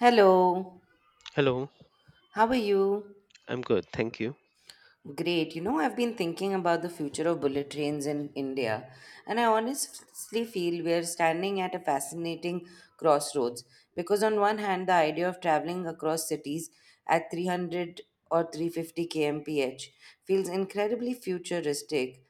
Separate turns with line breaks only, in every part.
Hello,
Hello,
how are you?
I'm good, thank you.
Great. You know, I've been thinking about the future of bullet trains in India, and I honestly feel we're standing at a fascinating crossroads because, on one hand, the idea of traveling across cities at 300 or 350 kmph feels incredibly futuristic,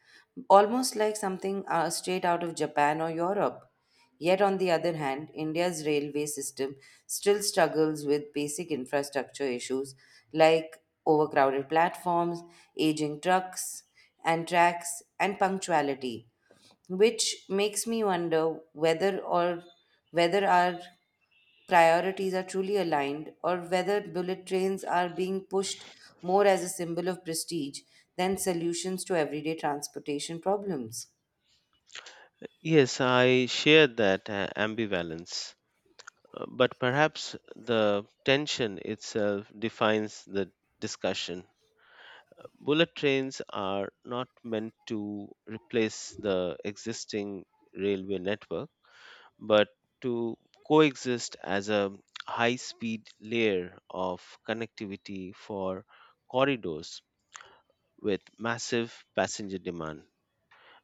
almost like something straight out of Japan or Europe. Yet, on the other hand, India's railway system still struggles with basic infrastructure issues like overcrowded platforms, aging trucks and tracks, and punctuality, which makes me wonder whether our priorities are truly aligned or whether bullet trains are being pushed more as a symbol of prestige than solutions to everyday transportation problems.
Yes, I share that ambivalence, but perhaps the tension itself defines the discussion. Bullet trains are not meant to replace the existing railway network, but to coexist as a high speed layer of connectivity for corridors with massive passenger demand,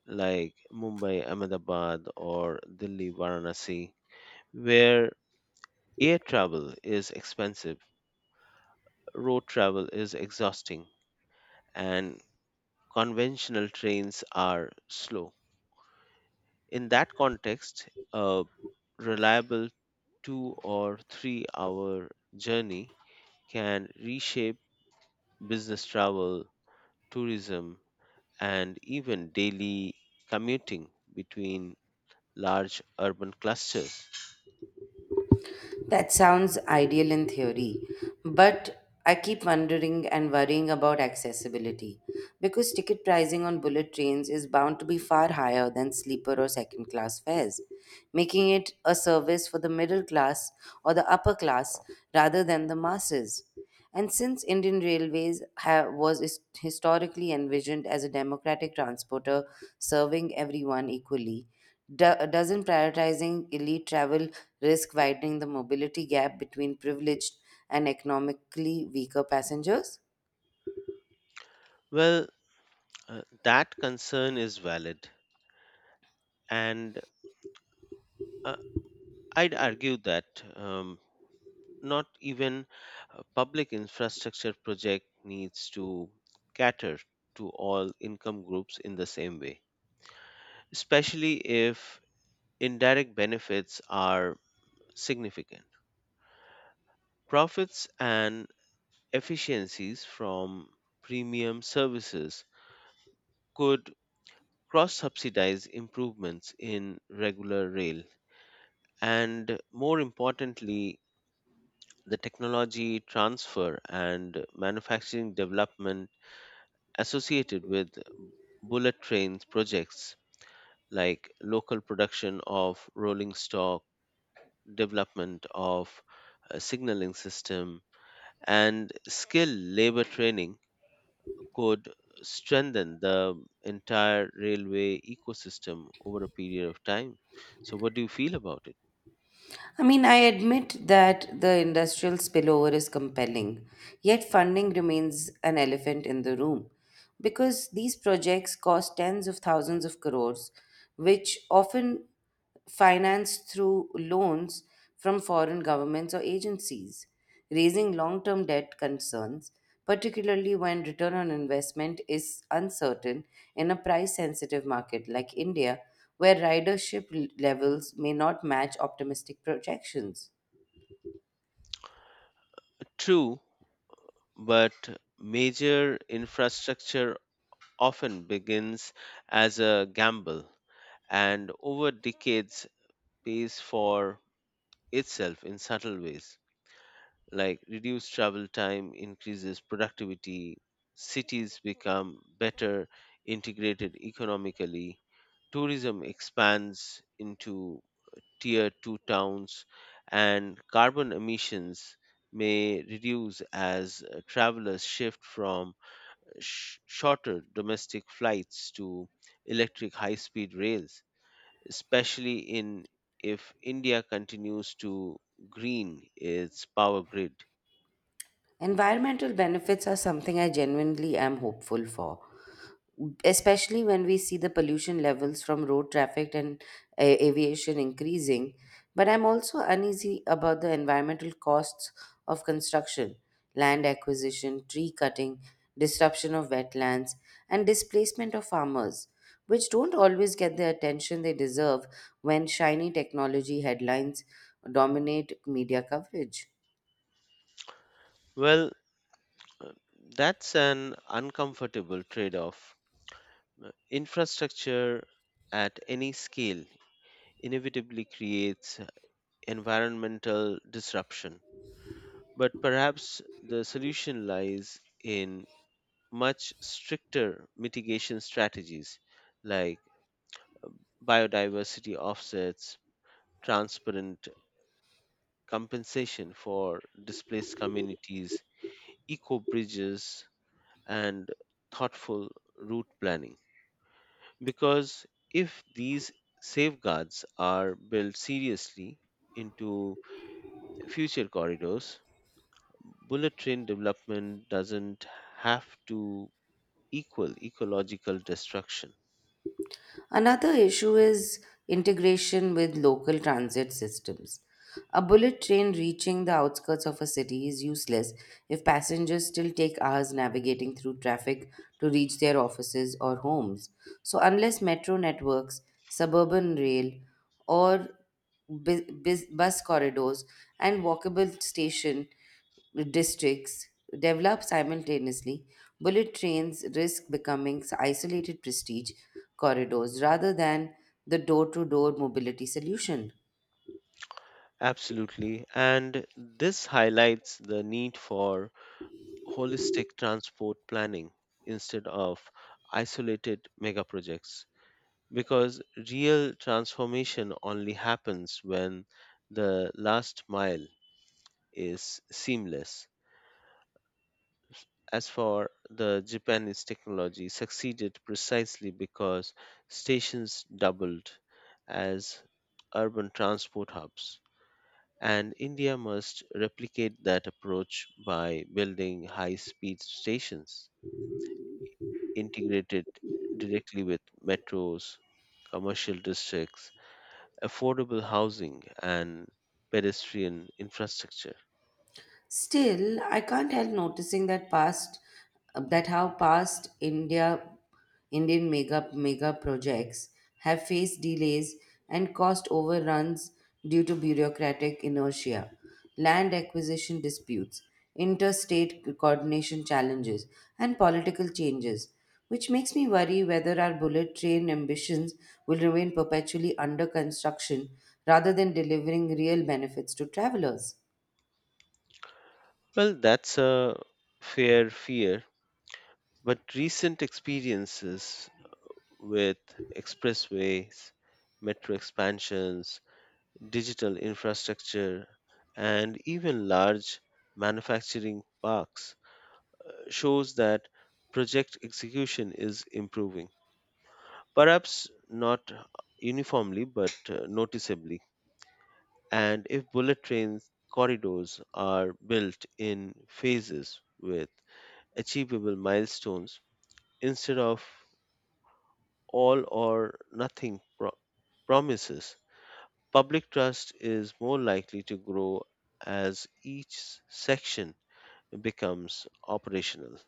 like Mumbai Ahmedabad or Delhi Varanasi, where air travel is expensive, road travel is exhausting, and conventional trains are slow. In that context, a reliable 2 or 3 hour journey can reshape business travel, tourism, and even daily commuting between large urban clusters.
That sounds ideal in theory, but I keep wondering and worrying about accessibility because ticket pricing on bullet trains is bound to be far higher than sleeper or second class fares, making it a service for the middle class or the upper class rather than the masses. And since Indian Railways historically envisioned as a democratic transporter serving everyone equally, doesn't prioritizing elite travel risk widening the mobility gap between privileged and economically weaker passengers?
Well, that concern is valid, and uh, I'd argue that um, not even a public infrastructure project needs to cater to all income groups in the same way, especially if indirect benefits are significant. Profits and efficiencies from premium services could cross subsidize improvements in regular rail and, more importantly, the technology transfer and manufacturing development associated with bullet trains projects like local production of rolling stock, development of a signaling system, and skill labor training could strengthen the entire railway ecosystem over a period of time. So, what do you feel about it?
I mean, I admit that the industrial spillover is compelling, yet funding remains an elephant in the room because these projects cost tens of thousands of crores, which often financed through loans from foreign governments or agencies raising long term debt concerns, particularly when return on investment is uncertain in a price sensitive market like India, where ridership levels may not match optimistic projections.
True, but major infrastructure often begins as a gamble and over decades pays for itself in subtle ways like reduced travel time increases productivity, cities become better integrated economically, tourism expands into tier 2 towns, and carbon emissions may reduce as travelers shift from shorter domestic flights to electric high speed rails, especially in if India continues to green its power grid.
Environmental benefits are something I genuinely am hopeful for, especially when we see the pollution levels from road traffic and aviation increasing. But I'm also uneasy about the environmental costs of construction, land acquisition, tree cutting, disruption of wetlands, and displacement of farmers, which don't always get the attention they deserve when shiny technology headlines dominate media coverage.
Well, uh, that's an uncomfortable trade off. Infrastructure at any scale inevitably creates environmental disruption, but perhaps the solution lies in much stricter mitigation strategies like biodiversity offsets, transparent compensation for displaced communities, eco bridges, and thoughtful route planning. Because if these safeguards are built seriously into future corridors, bullet train development doesn't have to equal ecological destruction.
Another issue is integration with local transit systems. A bullet train reaching the outskirts of a city is useless if passengers still take hours navigating through traffic to reach their offices or homes. So, unless metro networks, suburban rail, or bus corridors and walkable station districts develop simultaneously, bullet trains risk becoming isolated prestige corridors rather than the door to door mobility solution.
Absolutely. And this highlights the need for holistic transport planning instead of isolated mega projects, because real transformation only happens when the last mile is seamless. As for the Japanese technology, succeeded precisely because stations doubled as urban transport hubs. And India must replicate that approach by building high speed stations, integrated directly with metros, commercial districts, affordable housing, and pedestrian infrastructure.
Still, I can't help noticing that past that how past India Indian mega projects have faced delays and cost overruns due to bureaucratic inertia, land acquisition disputes, interstate coordination challenges, and political changes, which makes me worry whether our bullet train ambitions will remain perpetually under construction rather than delivering real benefits to travelers.
Well, that's a fair fear, but recent experiences with expressways, metro expansions, digital infrastructure, and even large manufacturing parks shows that project execution is improving. Perhaps not uniformly, but noticeably. And if bullet train corridors are built in phases with achievable milestones instead of all or nothing promises, public trust is more likely to grow as each section becomes operational.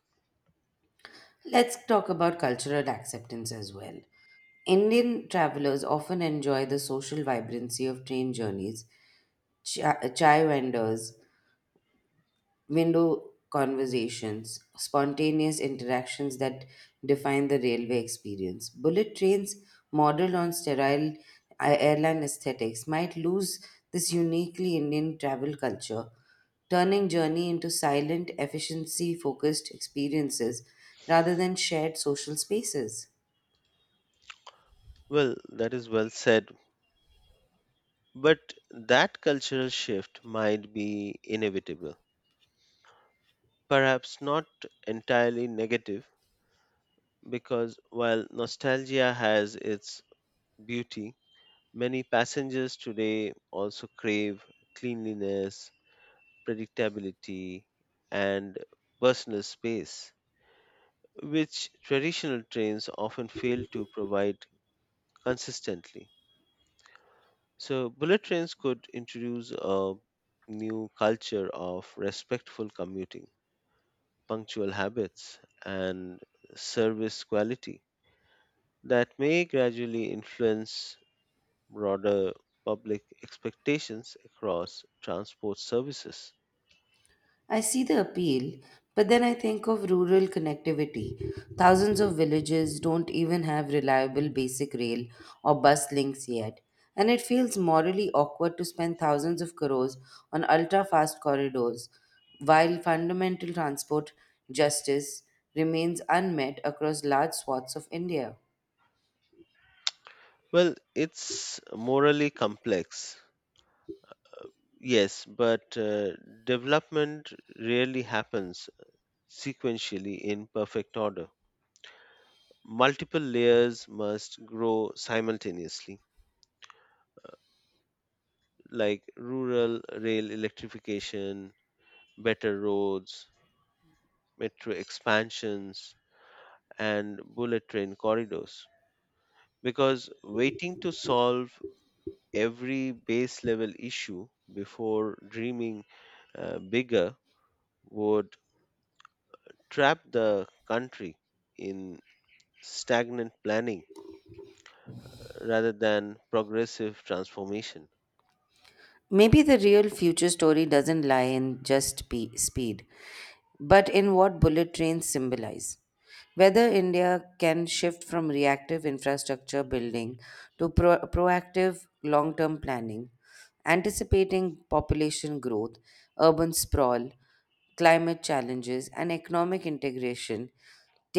Let's talk about cultural acceptance as well. Indian travelers often enjoy the social vibrancy of train journeys, chai vendors, window conversations, spontaneous interactions that define the railway experience. Bullet trains, modeled on sterile airline aesthetics, might lose this uniquely Indian travel culture, turning journey into silent, efficiency focused experiences rather than shared social spaces.
Well, that is well said, but that cultural shift might be inevitable, perhaps not entirely negative, because while nostalgia has its beauty, many passengers today also crave cleanliness, predictability, and personal space, which traditional trains often fail to provide consistently. So, bullet trains could introduce a new culture of respectful commuting, punctual habits, and service quality that may gradually influence broader public expectations across transport services?
I see the appeal, but then I think of rural connectivity. Thousands of villages don't even have reliable basic rail or bus links yet, and it feels morally awkward to spend thousands of crores on ultra fast corridors while fundamental transport justice remains unmet across large swaths of India.
Well, it's morally complex, yes, but development rarely happens sequentially in perfect order. Multiple layers must grow simultaneously, like rural rail electrification, better roads, metro expansions, and bullet train corridors, because waiting to solve every base level issue before dreaming bigger would trap the country in stagnant planning rather than progressive transformation.
Maybe the real future story doesn't lie in just speed, but in what bullet trains symbolize. Whether India can shift from reactive infrastructure building to proactive long term planning, anticipating population growth, urban sprawl, climate challenges, and economic integration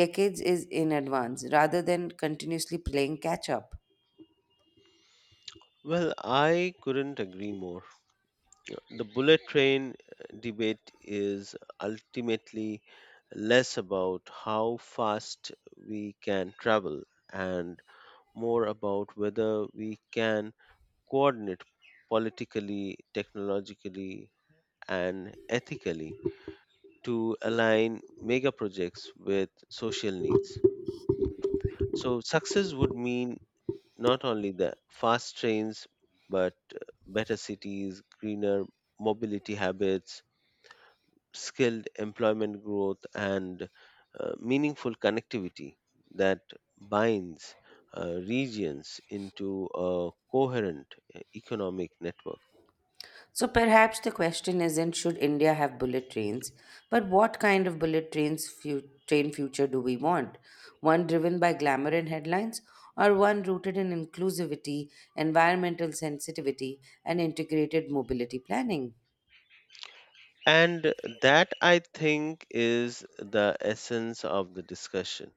decades is in advance rather than continuously playing catch up.
Well, I couldn't agree more. The bullet train debate is ultimately less about how fast we can travel and more about whether we can coordinate politically, technologically, and ethically to align mega projects with social needs. So, success would mean not only the fast trains, but better cities, greener mobility habits, skilled employment growth, and meaningful connectivity that binds regions into a coherent economic network.
So perhaps the question isn't should India have bullet trains, but what kind of bullet train future do we want? One driven by glamour and headlines, or one rooted in inclusivity, environmental sensitivity, and integrated mobility planning?
And that, I think, is the essence of the discussion.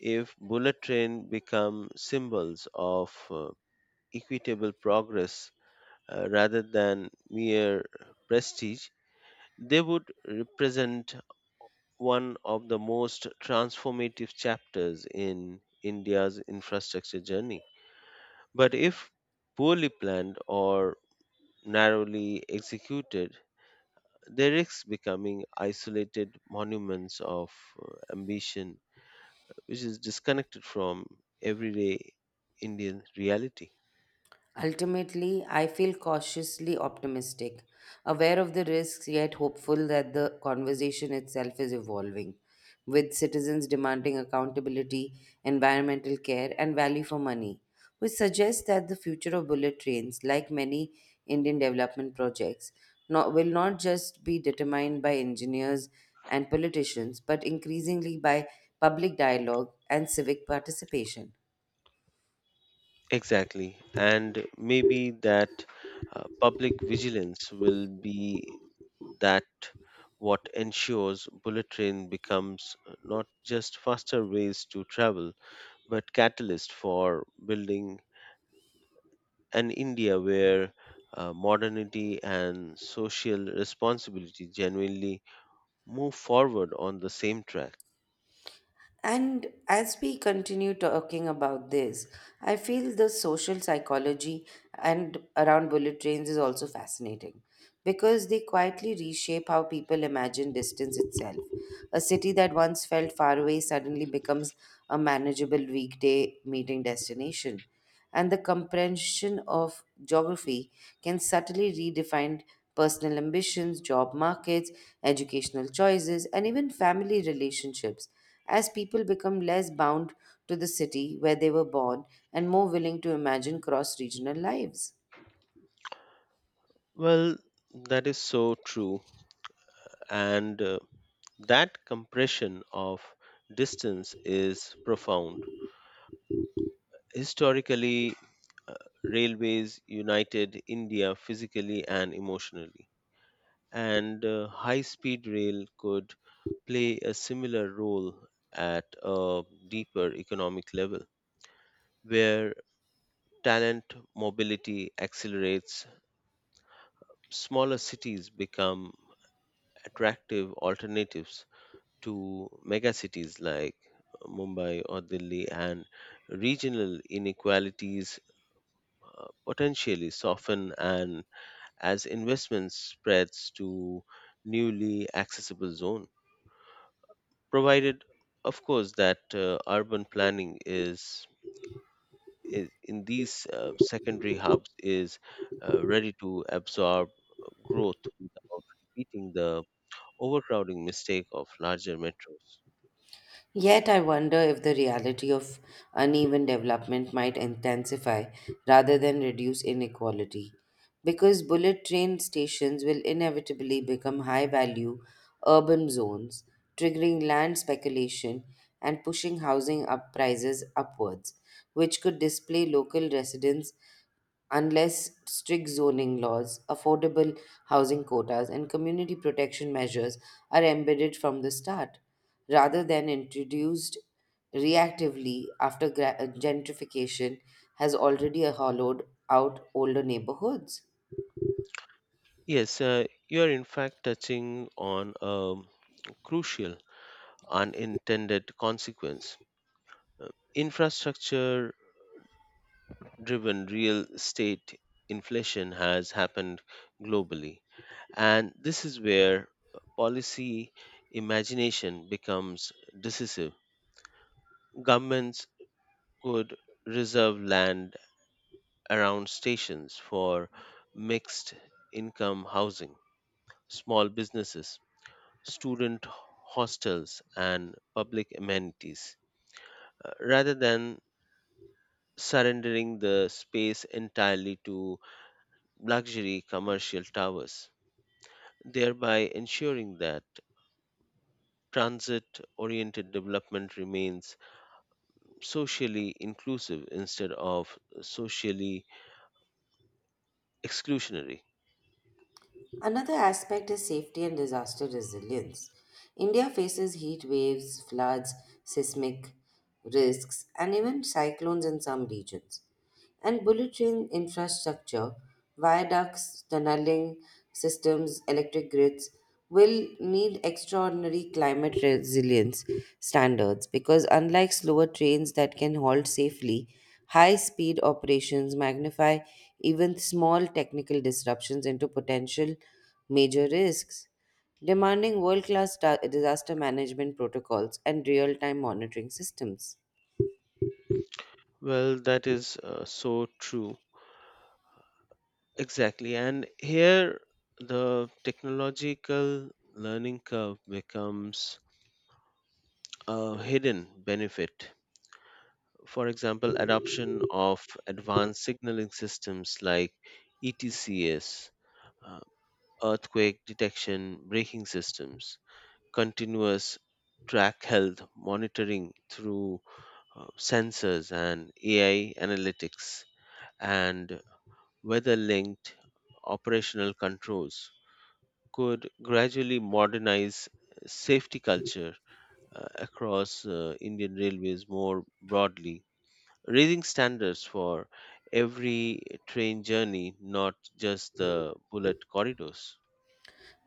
If bullet train become symbols of equitable progress, rather than mere prestige, they would represent one of the most transformative chapters in India's infrastructure journey. But if poorly planned or narrowly executed, they risk becoming isolated monuments of ambition, which is disconnected from everyday Indian reality.
Ultimately, I feel cautiously optimistic, aware of the risks, yet hopeful that the conversation itself is evolving, with citizens demanding accountability, environmental care, and value for money, which suggests that the future of bullet trains, like many Indian development projects, not, will not just be determined by engineers and politicians, but increasingly by public dialogue and civic participation.
Exactly. And maybe that public vigilance will be that what ensures bullet train becomes not just faster ways to travel, but catalyst for building an India where modernity and social responsibility genuinely move forward on the same track.
And as we continue talking about this, I feel the social psychology and around bullet trains is also fascinating because they quietly reshape how people imagine distance itself. A city that once felt far away suddenly becomes a manageable weekday meeting destination, and the comprehension of geography can subtly redefine personal ambitions, job markets, educational choices, and even family relationships as people become less bound to the city where they were born and more willing to imagine cross regional lives.
Well, that is so true. And that compression of distance is profound. Historically, uh, railways united India physically and emotionally. And high speed rail could play a similar role at a deeper economic level, where talent mobility accelerates, smaller cities become attractive alternatives to megacities like Mumbai or Delhi, and regional inequalities potentially soften, and as investment spreads to newly accessible zone, provided of course that urban planning is in these secondary hubs is ready to absorb growth without repeating the overcrowding mistake of larger metros.
Yet, I wonder if the reality of uneven development might intensify rather than reduce inequality, because bullet train stations will inevitably become high value urban zones, triggering land speculation and pushing housing up prices upwards, which could display local residents unless strict zoning laws, affordable housing quotas, and community protection measures are embedded from the start, rather than introduced reactively after gentrification has already hollowed out older neighborhoods.
Yes, you are in fact touching on a crucial unintended consequence. Infrastructure driven real estate inflation has happened globally, and this is where policy imagination becomes decisive. Governments could reserve land around stations for mixed income housing, small businesses, student hostels, and public amenities, rather than surrendering the space entirely to luxury commercial towers, thereby ensuring that transit oriented development remains socially inclusive instead of socially exclusionary.
Another aspect is safety and disaster resilience. India faces heat waves, floods, seismic risks, and even cyclones in some regions. And bullet train infrastructure, viaducts, tunneling systems, electric grids will need extraordinary climate resilience standards because, unlike slower trains that can halt safely, high speed operations magnify even small technical disruptions into potential major risks, demanding world class disaster management protocols and real time monitoring systems.
Well, that is so true. Exactly. And here the technological learning curve becomes a hidden benefit. For example, adoption of advanced signaling systems like ETCS, uh, earthquake detection braking systems, continuous track health monitoring through sensors and AI analytics, and weather linked operational controls could gradually modernize safety culture across Indian railways more broadly, raising standards for every train journey, not just the bullet corridors.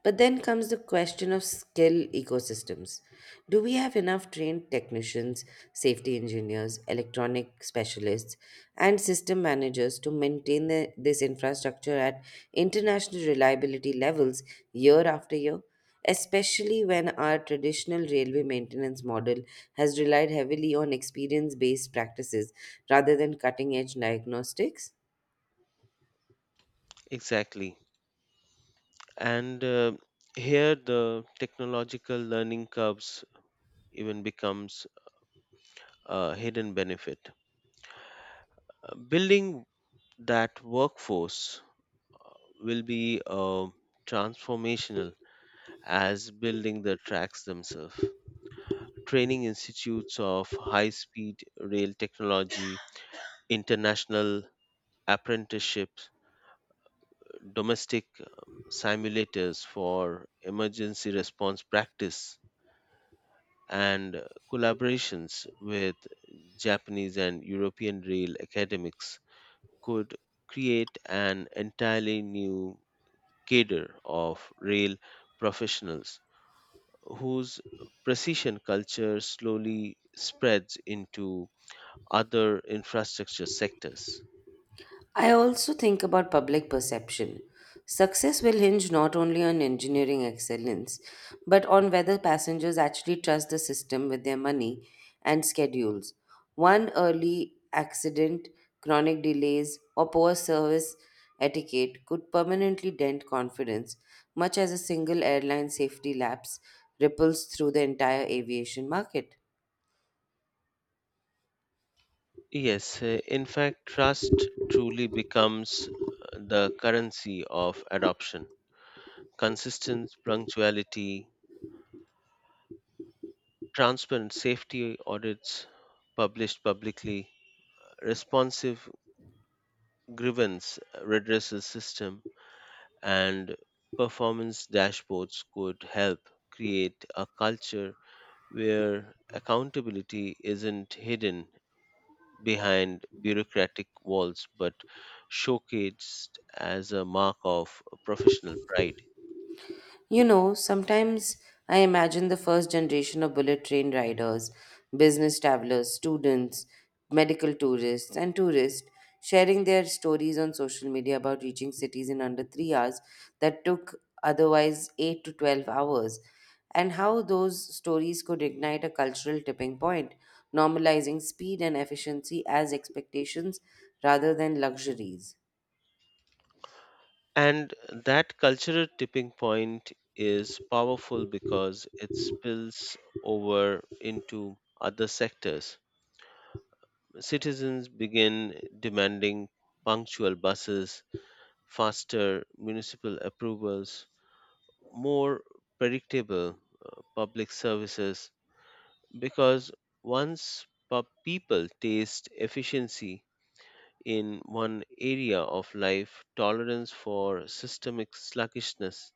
But then comes the question of skill ecosystems. Do we have enough trained technicians, safety engineers, electronic specialists, and system managers to maintain this infrastructure at international reliability levels year after year? Especially when our traditional railway maintenance model has relied heavily on experience based practices rather than cutting edge diagnostics?
Exactly. And here the technological learning curves even becomes a hidden benefit. Building that workforce will be transformational as building the tracks themselves. Training institutes of high speed rail technology, international apprenticeships, domestic simulators for emergency response practice, and collaborations with Japanese and European rail academics could create an entirely new cadre of rail professionals whose precision culture slowly spreads into other infrastructure sectors.
I also think about public perception. Success will hinge not only on engineering excellence, but on whether passengers actually trust the system with their money and schedules. One early accident, chronic delays, or poor service etiquette could permanently dent confidence, much as a single airline safety lapse ripples through the entire aviation market.
Yes, in fact, trust truly becomes the currency of adoption. Consistent punctuality, transparent safety audits published publicly, responsive grievance redressal system, and performance dashboards could help create a culture where accountability isn't hidden behind bureaucratic walls but showcased as a mark of professional pride.
You know, sometimes I imagine the first generation of bullet train riders, business travelers, students, medical tourists, and tourists sharing their stories on social media about reaching cities in under 3 hours that took otherwise eight to 12 hours, and how those stories could ignite a cultural tipping point, normalizing speed and efficiency as expectations rather than luxuries.
And that cultural tipping point is powerful because it spills over into other sectors. Citizens begin demanding punctual buses, faster municipal approvals, more predictable public services, because once people taste efficiency in one area of life, tolerance for systemic sluggishness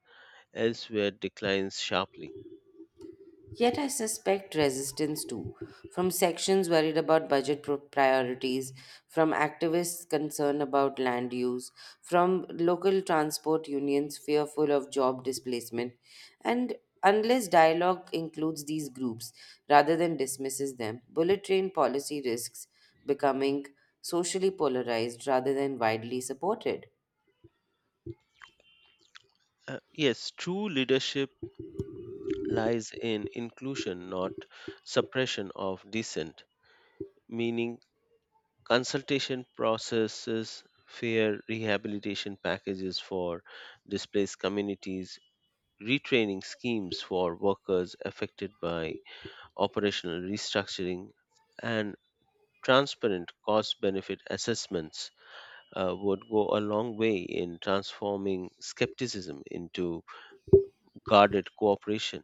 elsewhere declines sharply.
Yet I suspect resistance too, from sections worried about priorities, from activists concerned about land use, from local transport unions fearful of job displacement. And unless dialogue includes these groups rather than dismisses them, bullet train policy risks becoming socially polarized rather than widely supported.
Yes, true leadership lies in inclusion, not suppression of dissent, meaning consultation processes, fair rehabilitation packages for displaced communities, retraining schemes for workers affected by operational restructuring, and transparent cost benefit assessments would go a long way in transforming skepticism into guarded cooperation.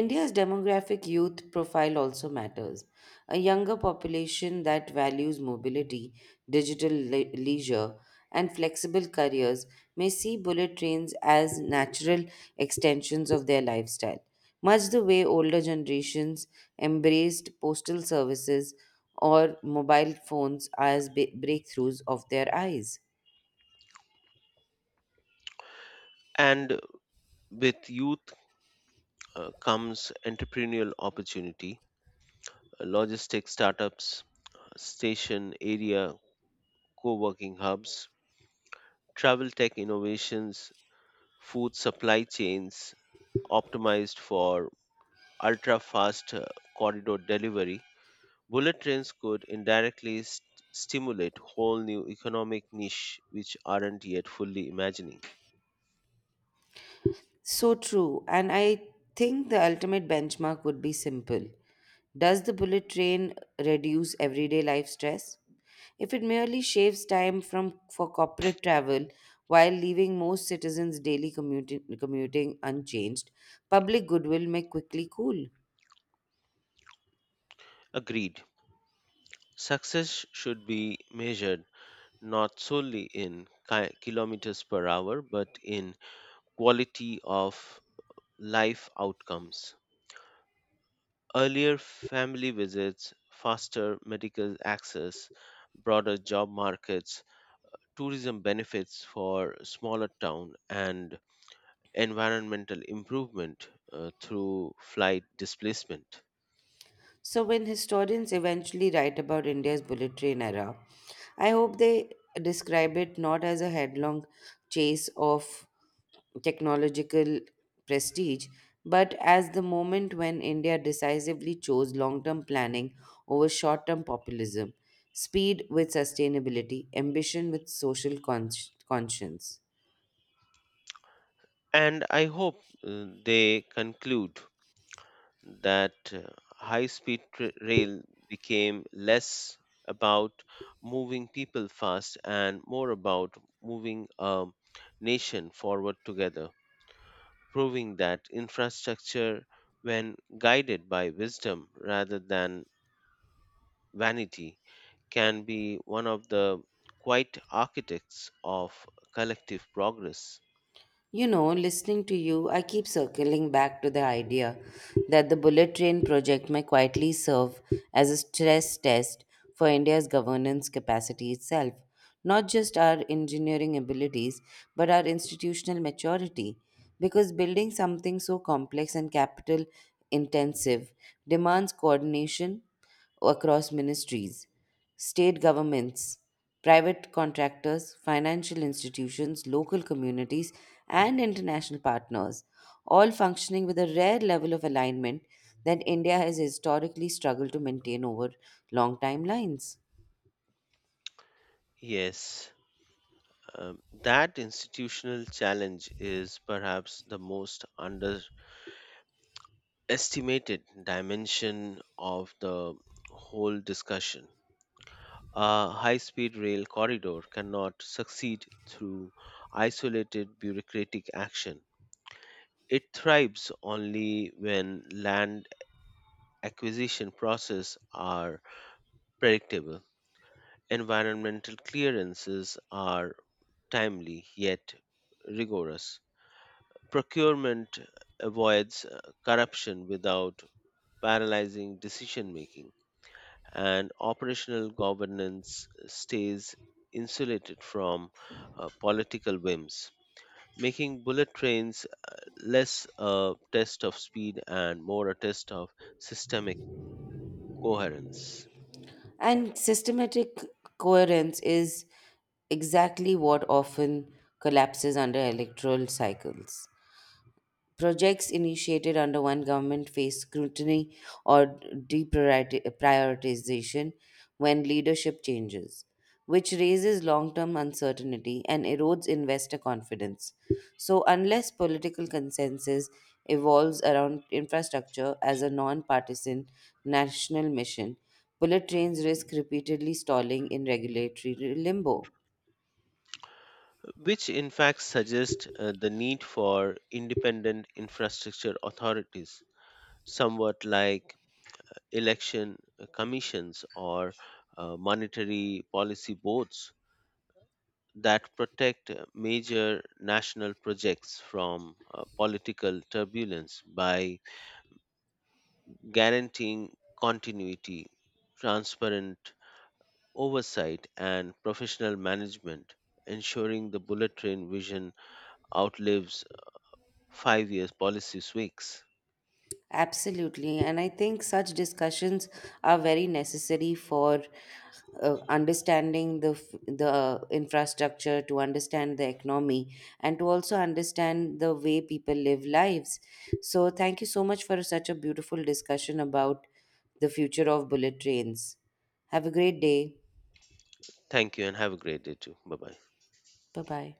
India's demographic youth profile also matters. A younger population that values mobility, leisure, and flexible careers may see bullet trains as natural extensions of their lifestyle, much the way older generations embraced postal services or mobile phones as breakthroughs of their eyes.
And with youth comes entrepreneurial opportunity, logistics startups, station area co-working hubs, travel tech innovations, food supply chains optimized for ultra fast corridor delivery. Bullet trains could indirectly stimulate whole new economic niche which aren't yet fully imagining.
So true. And I think the ultimate benchmark would be simple. Does the bullet train reduce everyday life stress? If it merely shaves time from for corporate travel while leaving most citizens' daily commuting unchanged, public goodwill may quickly cool.
Agreed. Success should be measured not solely in kilometers per hour but in quality of life outcomes. Earlier family visits, faster medical access, broader job markets, tourism benefits for smaller town, and environmental improvement through flight displacement.
So, when historians eventually write about India's bullet train era, I hope they describe it not as a headlong chase of technological prestige, but as the moment when India decisively chose long term planning over short term populism, speed with sustainability, ambition with social conscience.
And I hope they conclude that high speed rail became less about moving people fast and more about moving a nation forward together, proving that infrastructure, when guided by wisdom rather than vanity, can be one of the quiet architects of collective progress.
You know, listening to you, I keep circling back to the idea that the bullet train project may quietly serve as a stress test for India's governance capacity itself, not just our engineering abilities, but our institutional maturity. Because building something so complex and capital intensive demands coordination across ministries, state governments, private contractors, financial institutions, local communities, and international partners, all functioning with a rare level of alignment that India has historically struggled to maintain over long timelines.
Yes, that institutional challenge is perhaps the most underestimated dimension of the whole discussion. A high speed rail corridor cannot succeed through isolated bureaucratic action. It thrives only when land acquisition processes are predictable. Environmental clearances are timely yet rigorous. Procurement avoids corruption without paralyzing decision making, and operational governance stays insulated from political whims, making bullet trains less a test of speed and more a test of systemic coherence.
And systematic coherence is exactly what often collapses under electoral cycles. Projects initiated under one government face scrutiny or deprioritization when leadership changes, which raises long term uncertainty and erodes investor confidence. So, unless political consensus evolves around infrastructure as a non partisan national mission, bullet trains risk repeatedly stalling in regulatory limbo.
Which in fact suggests the need for independent infrastructure authorities, somewhat like election commissions or monetary policy boards that protect major national projects from political turbulence by guaranteeing continuity, transparent oversight, and professional management, ensuring the bullet train vision outlives 5 years policy tweaks.
Absolutely. And I think such discussions are very necessary for understanding the the infrastructure, to understand the economy, and to also understand the way people live lives. So thank you so much for such a beautiful discussion about the future of bullet trains. Have a great day.
Thank you and have a great day too. Bye bye.
Bye bye.